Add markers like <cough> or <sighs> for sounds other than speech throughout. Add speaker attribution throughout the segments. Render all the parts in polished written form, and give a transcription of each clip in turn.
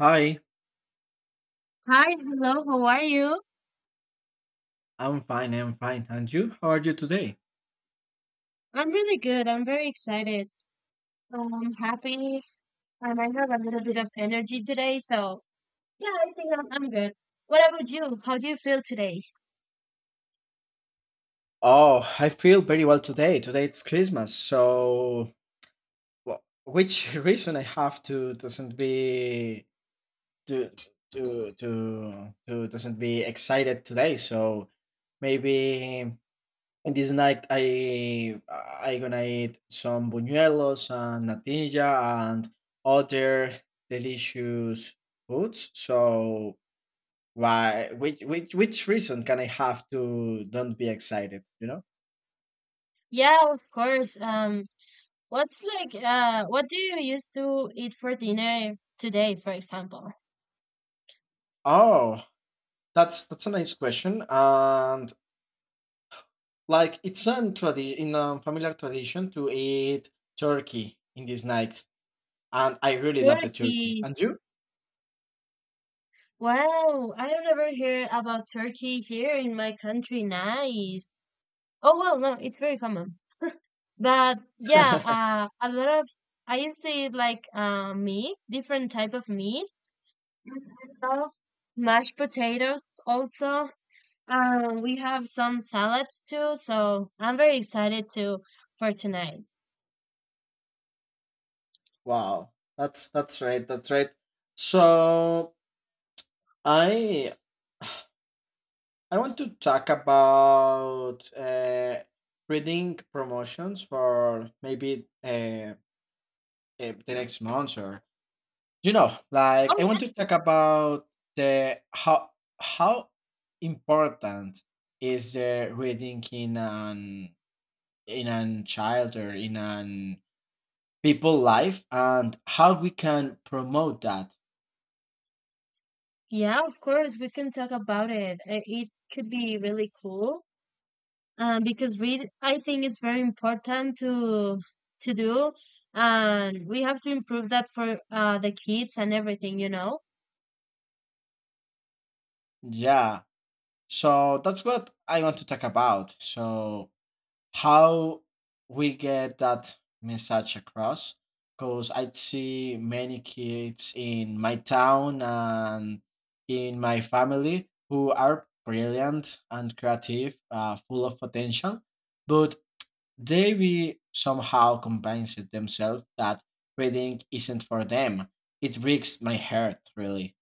Speaker 1: Hi,
Speaker 2: Hi, hello, how are you?
Speaker 1: I'm fine, I'm fine. And you? How are you today?
Speaker 2: I'm really good. I'm very excited. I'm happy and I have a little bit of energy today. So, yeah, I think I'm good. What about you? How do you feel today?
Speaker 1: Oh, I feel very well today. Today it's Christmas, so well, which <laughs> reason I have to doesn't be to to doesn't be excited today. So maybe in this night I gonna eat some buñuelos and natilla and other delicious foods. So Why? Which reason can I have to don't be excited? You know?
Speaker 2: Yeah, of course. What's like, what do you used to eat for dinner today, for example?
Speaker 1: Oh, that's a nice question. And like it's an in a familiar tradition to eat turkey in this night, and I really love the turkey.
Speaker 2: Turkey.
Speaker 1: And you?
Speaker 2: Wow, I don't ever hear about Turkey here in my country. Nice. Oh, well, no, it's very common. But yeah, a lot of I used to eat like meat, different type of meat. I love mashed potatoes also. We have some salads too, so I'm very excited to for tonight.
Speaker 1: Wow, that's right. That's right. So I I want to talk about reading promotions for maybe the next month or you know like
Speaker 2: Oh
Speaker 1: I want to talk about the how important is the reading in an child or in an people life and how we can promote that.
Speaker 2: yeah, yeah, of course we can talk about it. It could be really cool because we I think it's very important to do, and we have to improve that for the kids and everything, you know.
Speaker 1: Yeah, so that's what I want to talk about. So how we get that message across, because I see many kids in my town and in my family who are brilliant and creative, full of potential, but they will somehow convince it themselves that reading isn't for them. It breaks my heart, really.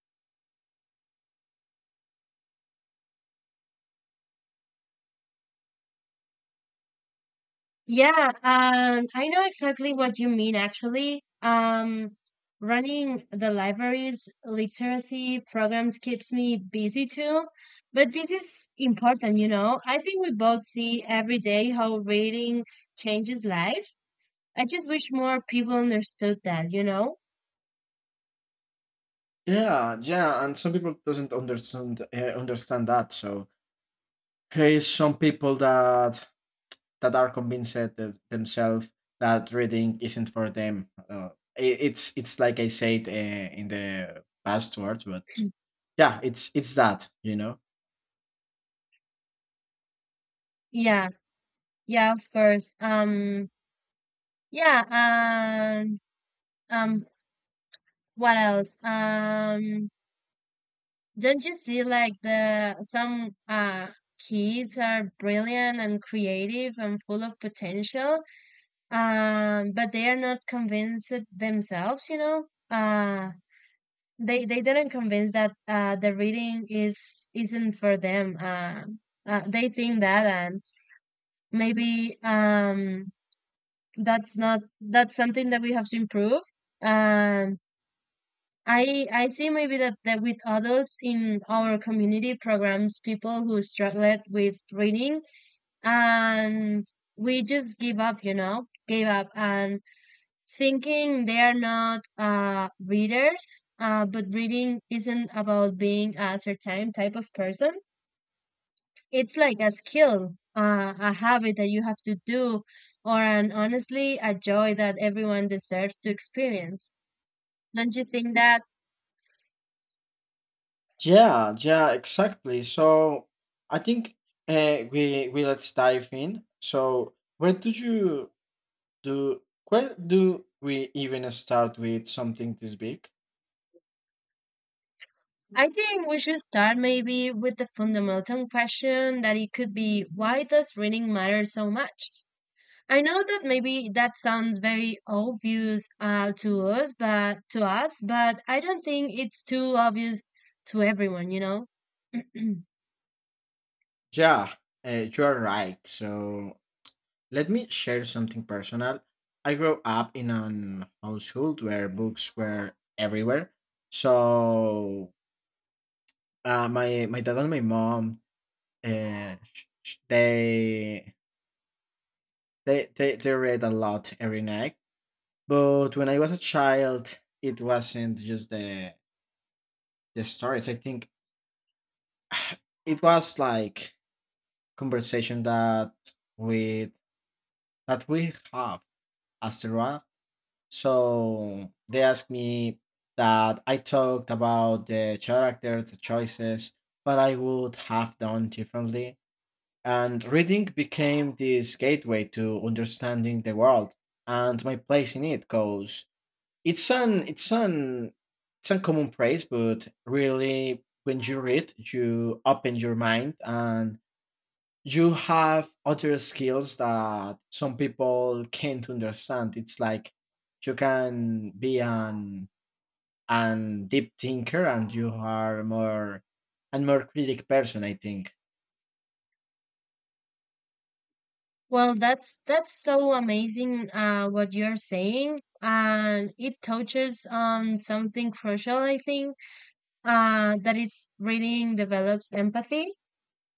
Speaker 2: Yeah, I know exactly what you mean actually. Running the library's literacy programs keeps me busy too, but this is important, you know. I think we both see every day how reading changes lives. I just wish more people understood that, you know?
Speaker 1: Yeah, and some people doesn't understand understand that. So there is some people that are convinced the, themselves that reading isn't for them. It's like I said in the past words, but yeah, it's that, you know.
Speaker 2: Yeah, yeah, of course. Yeah, um, um, what else? Don't you see like the some kids are brilliant and creative and full of potential, but they are not convinced themselves, you know? They didn't convince that the reading is isn't for them. They think that and maybe that's not that's something that we have to improve. Um I see maybe that with adults in our community programs, people who struggled with reading and we just give up, you know, gave up and thinking they are not readers, but reading isn't about being a certain type of person. It's like a skill, a habit that you have to do, or an honestly a joy that everyone deserves to experience. Don't you think that
Speaker 1: Yeah, yeah, exactly. So I think we let's dive in. So where do you do? Where do we even start with something this big?
Speaker 2: I think we should start maybe with the fundamental question that it could be, why does reading matter so much? I know that maybe that sounds very obvious to us, but I don't think it's too obvious to everyone, you know? <clears throat>
Speaker 1: Yeah, you are right. So let me share something personal. I grew up in an household where books were everywhere. So my my dad and my mom, uh, sh- sh- they, they read a lot every night. But when I was a child, it wasn't just the stories. I think <sighs> it was like conversation that we we have as. So they asked me that I talked about the characters, the choices, what I would have done differently. And reading became this gateway to understanding the world and my place in it. Cause it's an it's an it's a common praise, but really when you read, you open your mind and you have other skills that some people can't understand. It's like you can be an deep thinker and you are more and more critic person, I think.
Speaker 2: Well, that's so amazing what you're saying, and it touches on something crucial, I think, that it's reading develops empathy.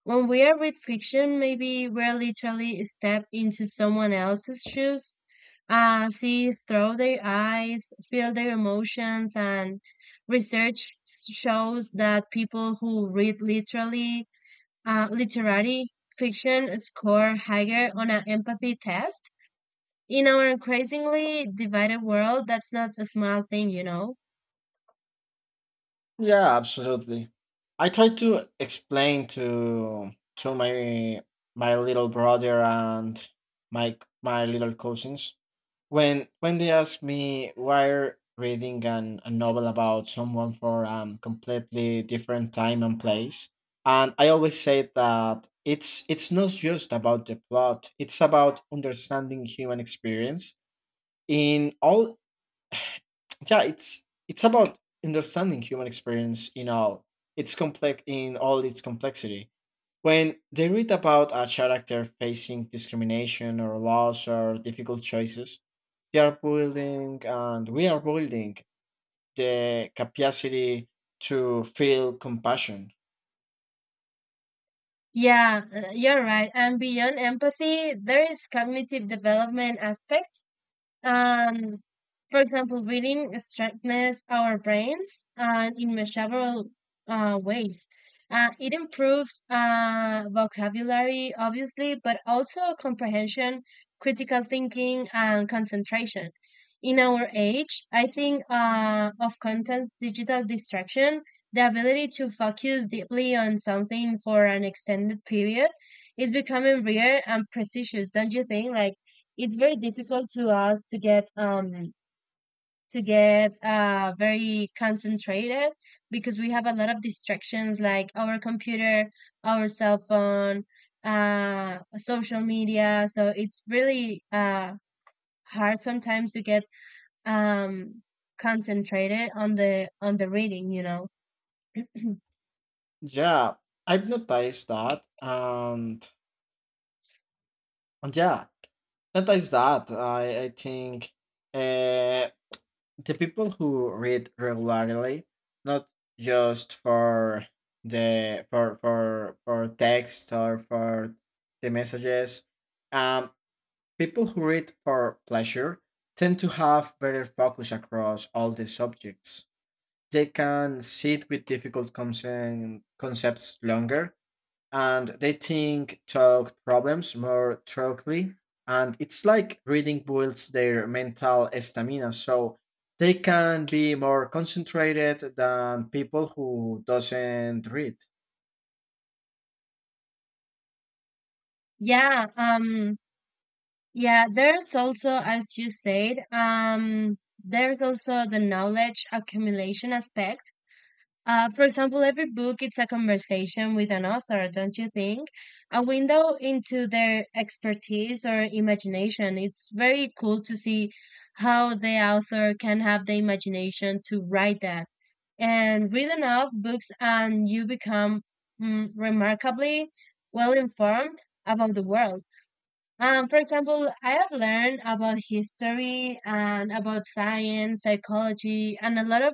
Speaker 2: When we are read fiction, maybe we're literally step into someone else's shoes, see through their eyes, feel their emotions, and research shows that people who read literally literary fiction score higher on an empathy test. In our increasingly divided world, that's not a small thing, you know.
Speaker 1: Yeah, absolutely. I try to explain to my my little brother and my my little cousins when they ask me why are reading an, a novel about someone for completely different time and place. And I always say that it's not just about the plot, it's about understanding human experience in all. Yeah, it's about understanding human experience in all it's complex, in all its complexity. When they read about a character facing discrimination or loss or difficult choices, they are building and we are building the capacity to feel compassion.
Speaker 2: Yeah, you're right. And beyond empathy, there is cognitive development aspect. And for example, reading strengthens our brains and in several ways. It improves vocabulary, obviously, but also comprehension, critical thinking, and concentration. In our age, I think of content's digital distraction, the ability to focus deeply on something for an extended period is becoming rare and precious, don't you think? Like, it's very difficult to us to get very concentrated because we have a lot of distractions like our computer, our cell phone, social media. So it's really hard sometimes to get um concentrated on the reading, you know. <clears throat>
Speaker 1: Yeah, I've noticed that. And noticed that. I think. Uh, the people who read regularly, not just for the for text or for the messages, um, people who read for pleasure tend to have better focus across all the subjects. They can sit with difficult concepts longer and they think talk problems more thoroughly. And it's like reading builds their mental stamina, so they can be more concentrated than people who doesn't read.
Speaker 2: Yeah, yeah, there's also as you said, there's also the knowledge accumulation aspect. For example, every book it's a conversation with an author, don't you think? A window into their expertise or imagination. It's very cool to see how the author can have the imagination to write that. And read enough books and you become remarkably well informed about the world. For example, I have learned about history and about science, psychology, and a lot of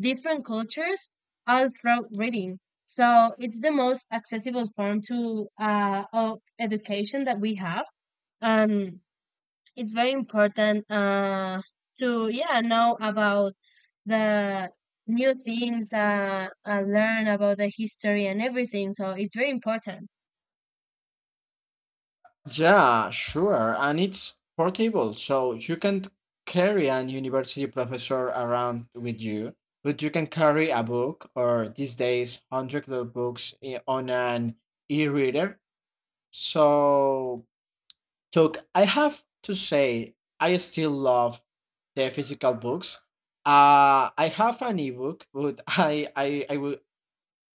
Speaker 2: different cultures all through reading. So it's the most accessible form to of education that we have. Um, it's very important to yeah know about the new things, learn about the history and everything. So it's very important.
Speaker 1: Yeah, sure, and it's portable, so you can carry an university professor around with you, but you can carry a book or these days hundreds of books on an e-reader. So. So I have to say, I still love the physical books. I have an ebook, but <laughs>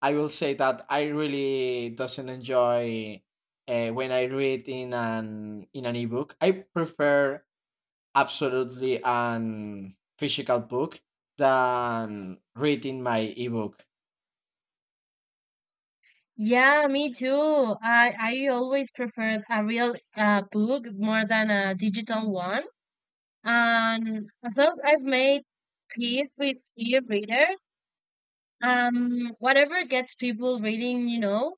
Speaker 1: I will say that I really doesn't enjoy when I read in an ebook. I prefer absolutely an physical book than reading my ebook.
Speaker 2: Yeah, me too. I always preferred a real book more than a digital one. And so I've made peace with e-readers. Whatever gets people reading, you know.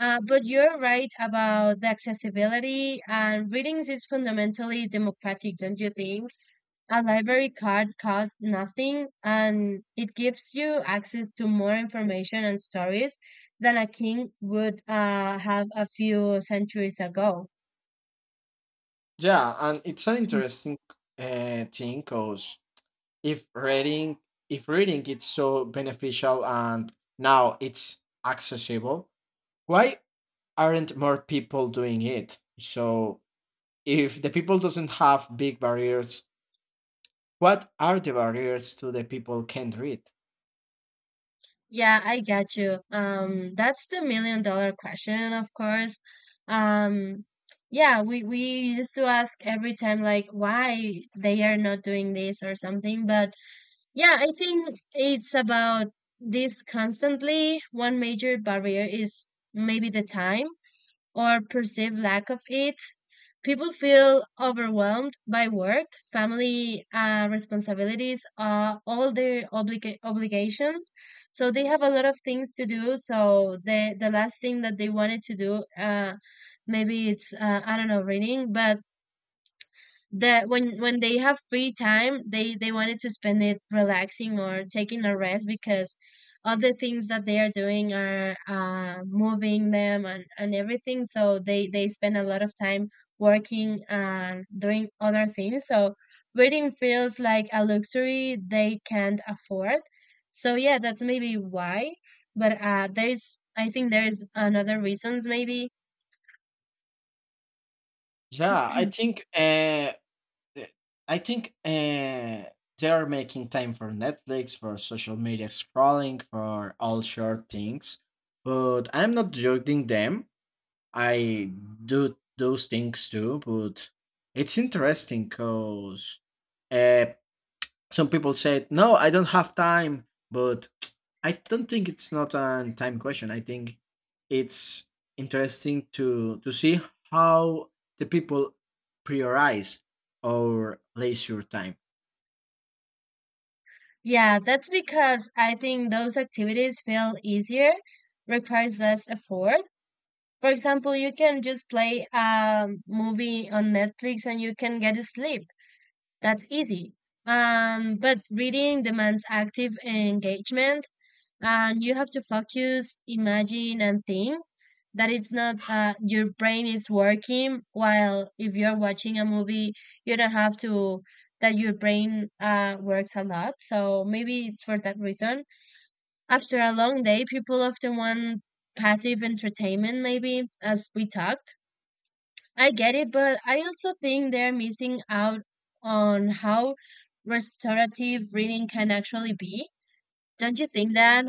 Speaker 2: But you're right about the accessibility and readings is fundamentally democratic, don't you think? A library card costs nothing and it gives you access to more information and stories than a king would have a few centuries ago.
Speaker 1: Yeah, and it's an interesting thing, because if reading if reading is so beneficial and now it's accessible, why aren't more people doing it? So if the people doesn't have big barriers, what are the barriers to the people can't read?
Speaker 2: Yeah, I get you. That's the million dollar question, of course. Um, we used to ask every time, like, why they are not doing this or something. But yeah, I think it's about this constantly. One major barrier is maybe the time or perceived lack of it. People feel overwhelmed by work, family responsibilities, all their obligations. So they have a lot of things to do. So the last thing that they wanted to do, maybe it's I don't know, reading, but that when they have free time they wanted to spend it relaxing or taking a rest because other things that they are doing are moving them, and everything, so they spend a lot of time working and doing other things, so reading feels like a luxury they can't afford. So yeah, that's maybe why. But there's, I think there's another reasons maybe.
Speaker 1: Yeah, I
Speaker 2: <clears throat>
Speaker 1: think th- i think uh they are making time for Netflix, for social media scrolling, for all short things. But I'm not judging them. I do those things too, but it's interesting because, uh, some people said, no, I don't have time, but <tsk> I don't think it's not a time question. I think it's interesting to see how the people prioritize or leisure time.
Speaker 2: Yeah, that's because I think those activities feel easier, requires less effort. For example, you can just play a movie on Netflix and you can get sleep. That's easy. But reading demands active engagement and you have to focus, imagine, and think, that it's not your brain is working, while if you're watching a movie you don't have to, that your brain works a lot. So maybe it's for that reason after a long day people often want passive entertainment, maybe as we talked. I get it, but I also think they're missing out on how restorative reading can actually be. Don't you think that?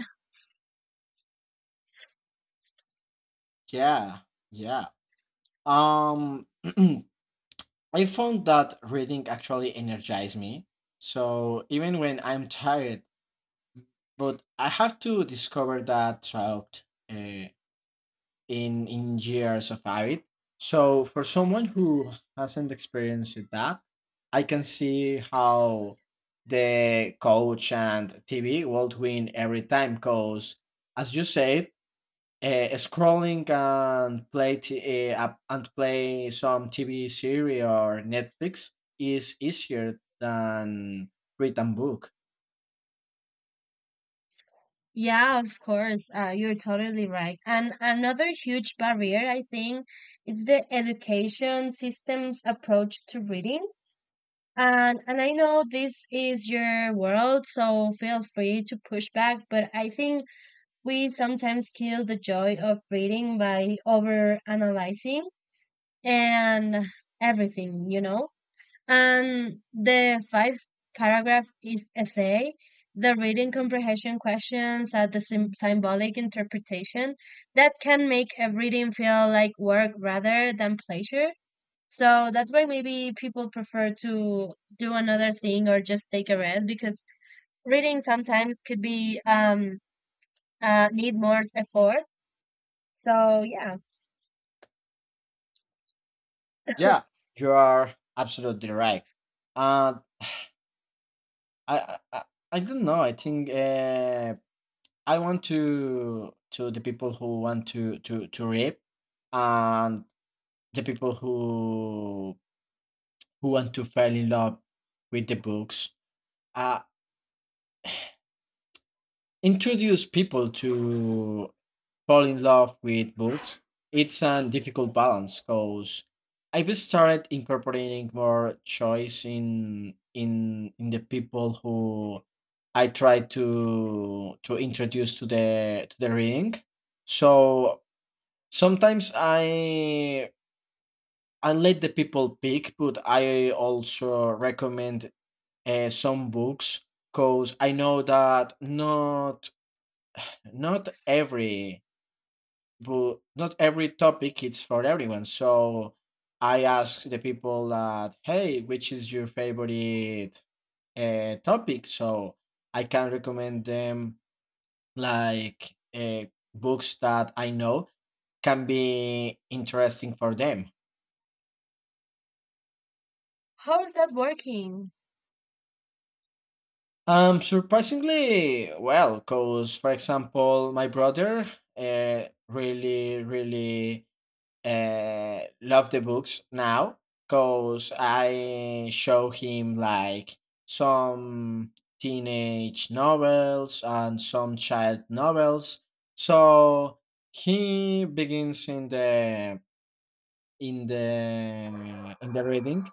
Speaker 1: Yeah, yeah. Um, <clears throat> I found that reading actually energized me. So even when I'm tired, but I have to discover that throughout uh, in years of habit. So for someone who hasn't experienced that, I can see how the coach and TV won't win every time because, as you said, scrolling and play some TV series or Netflix is easier than read a book.
Speaker 2: Yeah, of course. You're totally right. And another huge barrier, I think, is the education system's approach to reading. And I know this is your world, so feel free to push back, but I think we sometimes kill the joy of reading by over analyzing and everything, you know? And the five paragraph is essay. The reading comprehension questions are the symbolic interpretation that can make a reading feel like work rather than pleasure. So that's why maybe people prefer to do another thing or just take a rest because reading sometimes could be need more effort. So yeah,
Speaker 1: Yeah, you are absolutely right. Uh, I, I I I don't know. I think, I want to the people who want to rape, and the people who want to fall in love with the books. Uh, Introduce people to fall in love with books. It's a difficult balance, because I've started incorporating more choice in the people who I try to introduce to the reading. So sometimes I let the people pick, but I also recommend some books because I know that not not every, but not every topic is for everyone. So I ask the people that, hey, which is your favorite topic? So I can recommend them like books that I know can be interesting for them.
Speaker 2: how is that working?
Speaker 1: Surprisingly, well, because for example, my brother really love the books now because I show him like some teenage novels and some child novels. So he begins in the reading,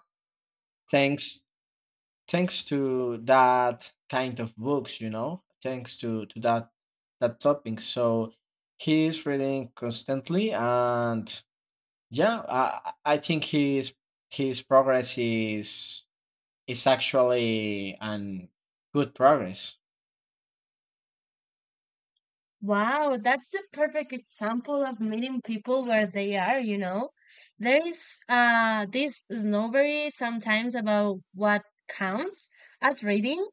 Speaker 1: thanks thanks to that kind of books, you know, thanks to that that topic. So he's reading constantly, and yeah, I think his progress is actually an good progress.
Speaker 2: Wow, that's the perfect example of meeting people where they are, you know. There is this snobbery sometimes about what counts as reading.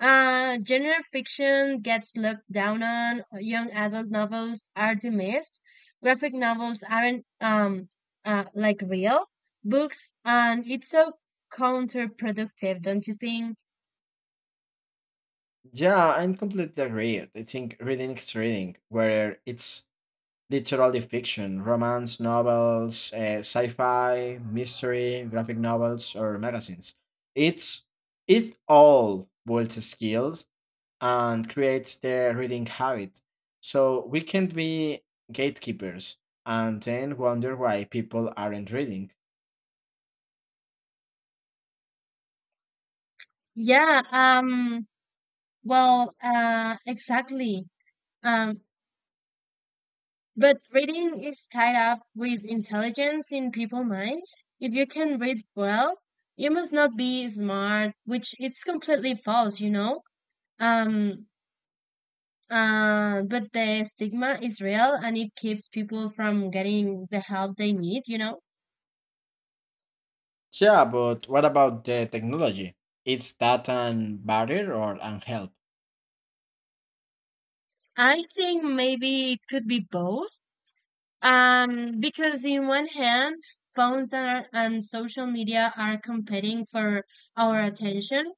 Speaker 2: Genre fiction gets looked down on, young adult novels are dismissed, graphic novels aren't like real books, and it's so counterproductive, don't you think?
Speaker 1: Yeah, I completely agree. I think reading is reading, where it's literally fiction, romance, novels, sci-fi, mystery, graphic novels, or magazines. It's it all builds skills and creates the reading habit. So we can be gatekeepers and then wonder why people aren't reading.
Speaker 2: Yeah, exactly. Um, but reading is tied up with intelligence in people's minds. If you can read well, you must not be smart, which it's completely false, you know? Um, but the stigma is real and it keeps people from getting the help they need, you know?
Speaker 1: Yeah, but what about the technology? Is that an barrier or an help?
Speaker 2: I think maybe it could be both. Because in one hand, phones are, and social media are competing for our attention,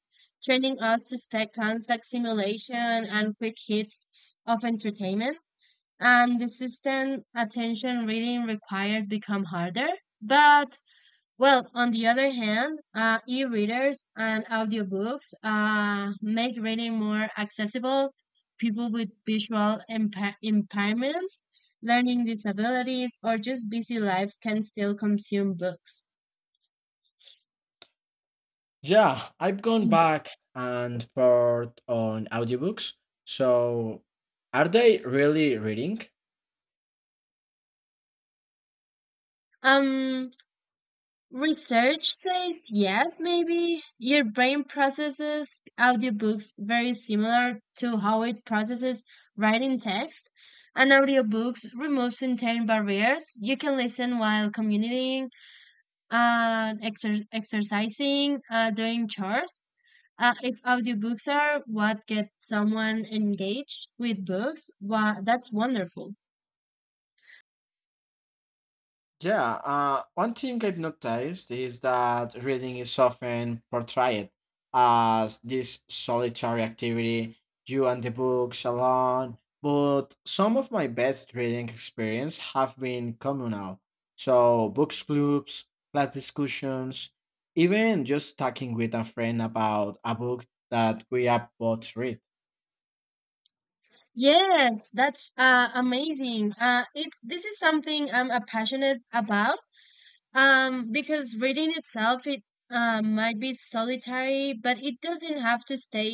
Speaker 2: training us to expect constant simulation and quick hits of entertainment. And the system attention reading requires become harder. But well, on the other hand, e-readers and audiobooks make reading more accessible. People with visual impairments, learning disabilities, or just busy lives can still consume books.
Speaker 1: Yeah, I've gone
Speaker 2: <clears throat>
Speaker 1: back and forth on audiobooks. So are they really reading?
Speaker 2: Um, research says yes, maybe. Your brain processes audiobooks very similar to how it processes writing text. And audiobooks remove certain barriers. You can listen while commuting, exercising, doing chores. If audiobooks are what gets someone engaged with books, wow, that's wonderful.
Speaker 1: Yeah, one thing I've noticed is that reading is often portrayed as this solitary activity, you and the books alone. But some of my best reading experience have been communal. So books clubs, class discussions, even just talking with a friend about a book that we have both read.
Speaker 2: Yes, that's amazing. It's this is something I'm passionate about. Because reading itself, it might be solitary, but it doesn't have to stay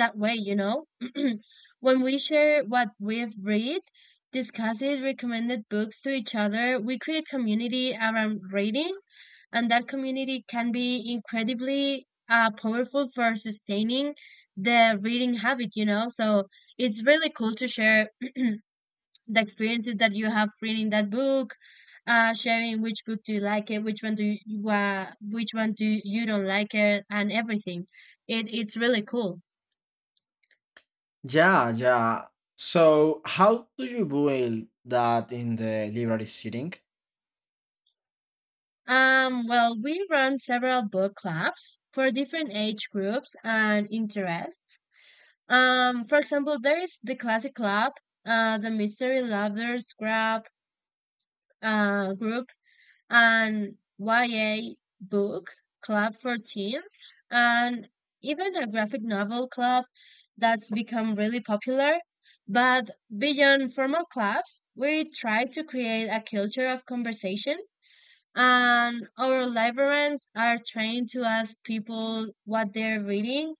Speaker 2: that way, you know? <clears throat> When we share what we've read, discuss it, recommended books to each other, we create community around reading, and that community can be incredibly powerful for sustaining the reading habit, you know? So it's really cool to share the experiences that you have reading that book, sharing which book do you like it, which one do you, which one do you you don't like it, and everything. It it's really cool.
Speaker 1: Yeah, yeah. So how do you build that in the library setting?
Speaker 2: Well, we run several book clubs for different age groups and interests. For example, there is the classic club, the mystery lovers club, group, an YA book club for teens, and even a graphic novel club that's become really popular. But beyond formal clubs, we try to create a culture of conversation, and our librarians are trained to ask people what they're reading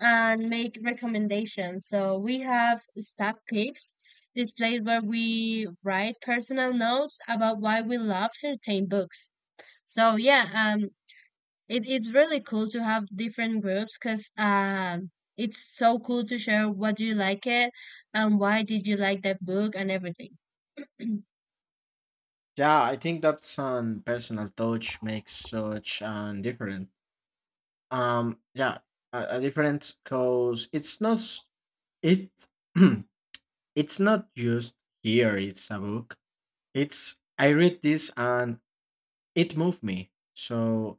Speaker 2: and make recommendations. So we have staff picks this place where we write personal notes about why we love certain books. So yeah, um, it's really cool to have different groups because it's so cool to share what you like it and why did you like that book and everything.
Speaker 1: Yeah, I think that's an personal touch makes such an different. Yeah, a difference because it's not it's <clears throat> it's not just here. It's a book. It's I read this and it moved me. So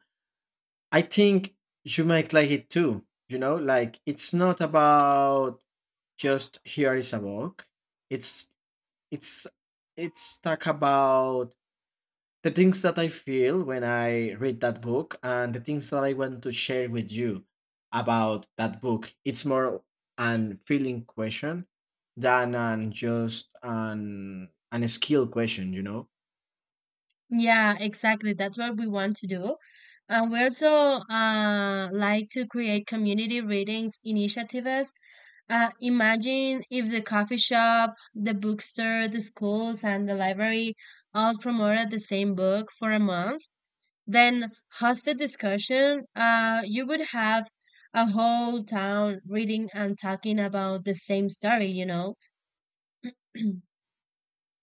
Speaker 1: I think you might like it too. You know, like it's not about just here is a book. It's it's it's talk about the things that I feel when I read that book and the things that I want to share with you about that book. It's more an feeling question than an just an skill question, you know?
Speaker 2: Yeah, exactly. That's what we want to do. And we also like to create community readings initiatives. Imagine if the coffee shop, the bookstore, the schools, and the library all promoted the same book for a month then host a discussion. You would have a whole town reading and talking about the same story, you know? <clears throat>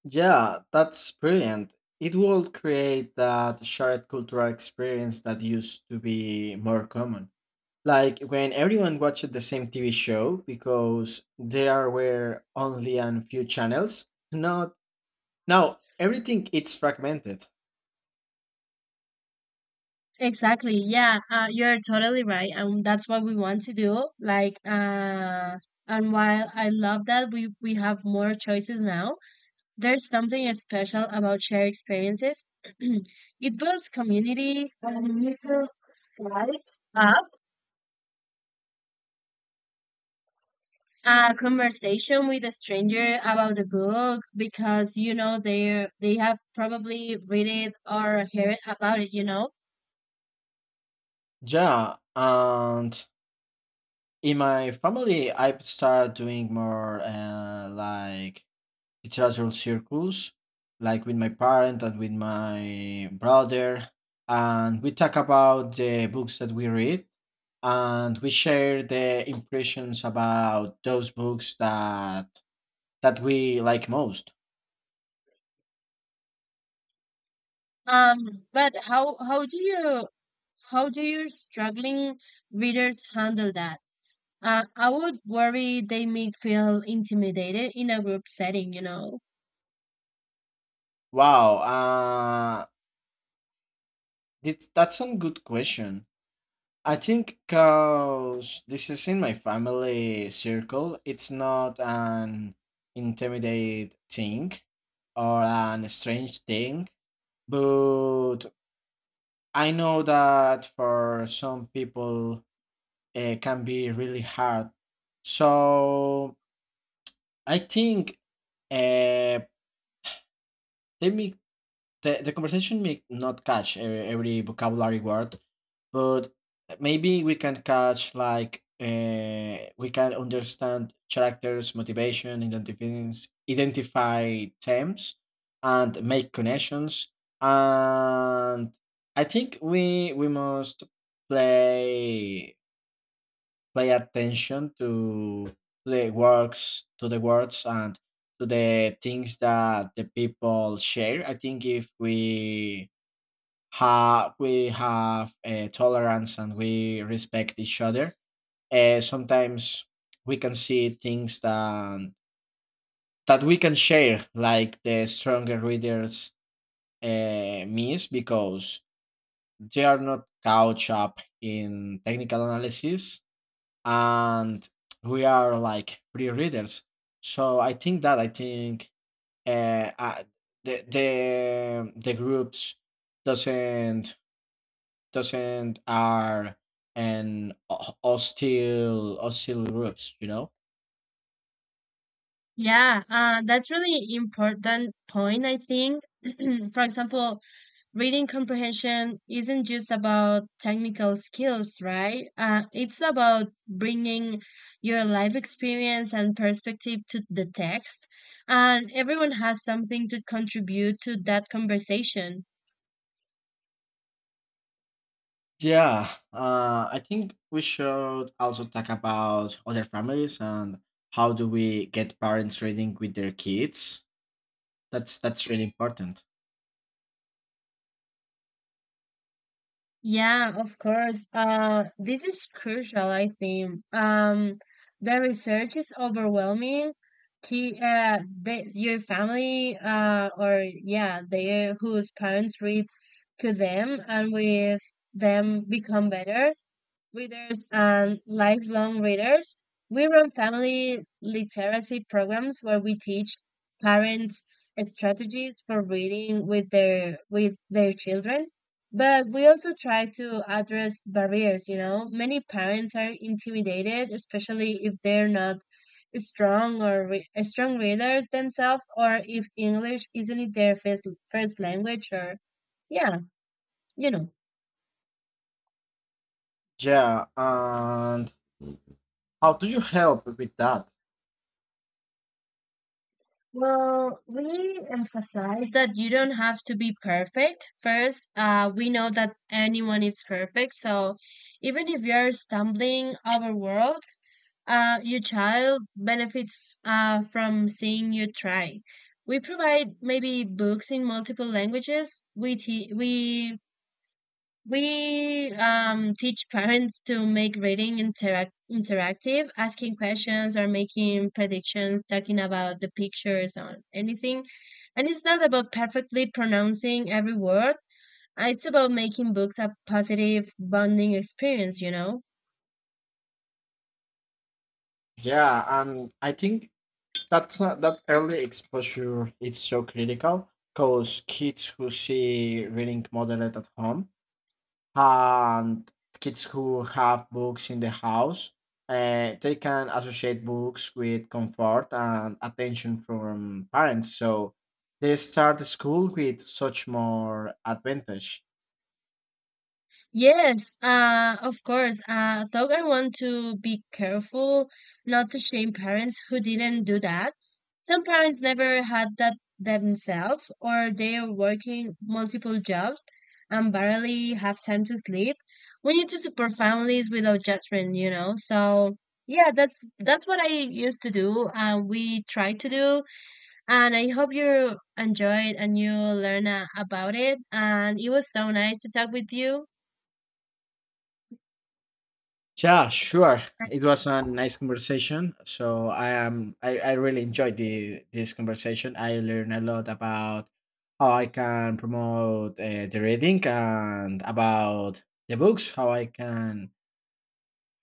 Speaker 1: Yeah, that's brilliant. It will create that shared cultural experience that used to be more common. Like when everyone watched the same TV show because there were only a few channels, not. Now everything it's fragmented.
Speaker 2: Exactly. Yeah, you're totally right, and that's what we want to do. Like, and while I love that we have more choices now, there's something special about shared experiences. <clears throat> It builds community, and you feel like uh, a conversation with a stranger about the book because you know they have probably read it or heard about it
Speaker 1: Yeah, and in my family, I've started doing more like literal circles, like with my parent and with my brother, and we talk about the books that we read, and we share the impressions about those books that that we like most.
Speaker 2: um but how do you how do your struggling readers handle that, I would worry they may feel intimidated in a group setting, you know?
Speaker 1: Wow, that's a good question. I think because this is in my family circle, it's not an intimidate thing or an strange thing, but I know that for some people, eh, it can be really hard. So I think, uh, let me the conversation may not catch every vocabulary word, but maybe we can catch like we can understand characters, motivation, identify themes, and make connections. And I think we must play pay attention to the words and to the things that the people share. I think if we have a tolerance and we respect each other, sometimes we can see things that that we can share, like the stronger readers miss because they are not couch up in technical analysis, and we are like free readers. So I think that I think, uh, uh, the groups doesn't doesn't are an hostile hostile groups, you know.
Speaker 2: Yeah, that's really important point, I think. <clears throat> For example, reading comprehension isn't just about technical skills, right? It's about bringing your life experience and perspective to the text, and everyone has something to contribute to that conversation.
Speaker 1: Yeah, I think we should also talk about other families and how do we get parents reading with their kids. That's really important.
Speaker 2: Yeah, of course. This is crucial, I think. The research is overwhelming. Your family, or yeah, they whose parents read to them and with them become better readers and lifelong readers. We run family literacy programs where we teach parents strategies for reading with their children. But we also try to address barriers, you know. Many parents are intimidated, especially if they're not strong readers themselves, or if English isn't their first language, or yeah, you know.
Speaker 1: Yeah, and how do you help with that?
Speaker 2: Well, we emphasize that you don't have to be perfect. First, we know that anyone is perfect. So even if you're stumbling overworld, your child benefits from seeing you try. We provide maybe books in multiple languages. We te- we teach parents to make reading interactive, asking questions or making predictions, talking about the pictures or anything. And it's not about perfectly pronouncing every word. It's about making books a positive bonding experience, you know?
Speaker 1: Yeah, and I think that's not, that early exposure is so critical, because kids who see reading modeled at home and kids who have books in the house, they can associate books with comfort and attention from parents. So they start school with such more advantage.
Speaker 2: Yes, of course. Though I want to be careful not to shame parents who didn't do that. Some parents never had that themselves, or they are working multiple jobs and barely have time to sleep. We need to support families without judgment, you know. So yeah, that's what I used to do, and we try to do. And I hope you enjoyed and you learn about it. And it was so nice to talk with you.
Speaker 1: Yeah, sure. It was a nice conversation. So I am I really enjoyed the this conversation. I learned a lot about how I can promote the reading and about the books,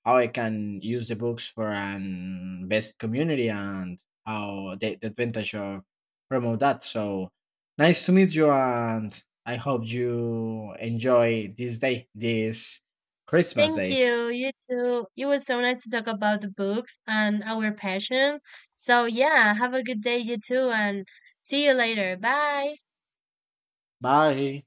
Speaker 1: how I can use the books for an best community and how the advantage of promote that. So nice to meet you, and I hope you enjoy this day, this Christmas
Speaker 2: Thank
Speaker 1: day.
Speaker 2: you. You too. It was so nice to talk about the books and our passion. So, yeah, have a good day, you too, and see you later. Bye.
Speaker 1: Bye.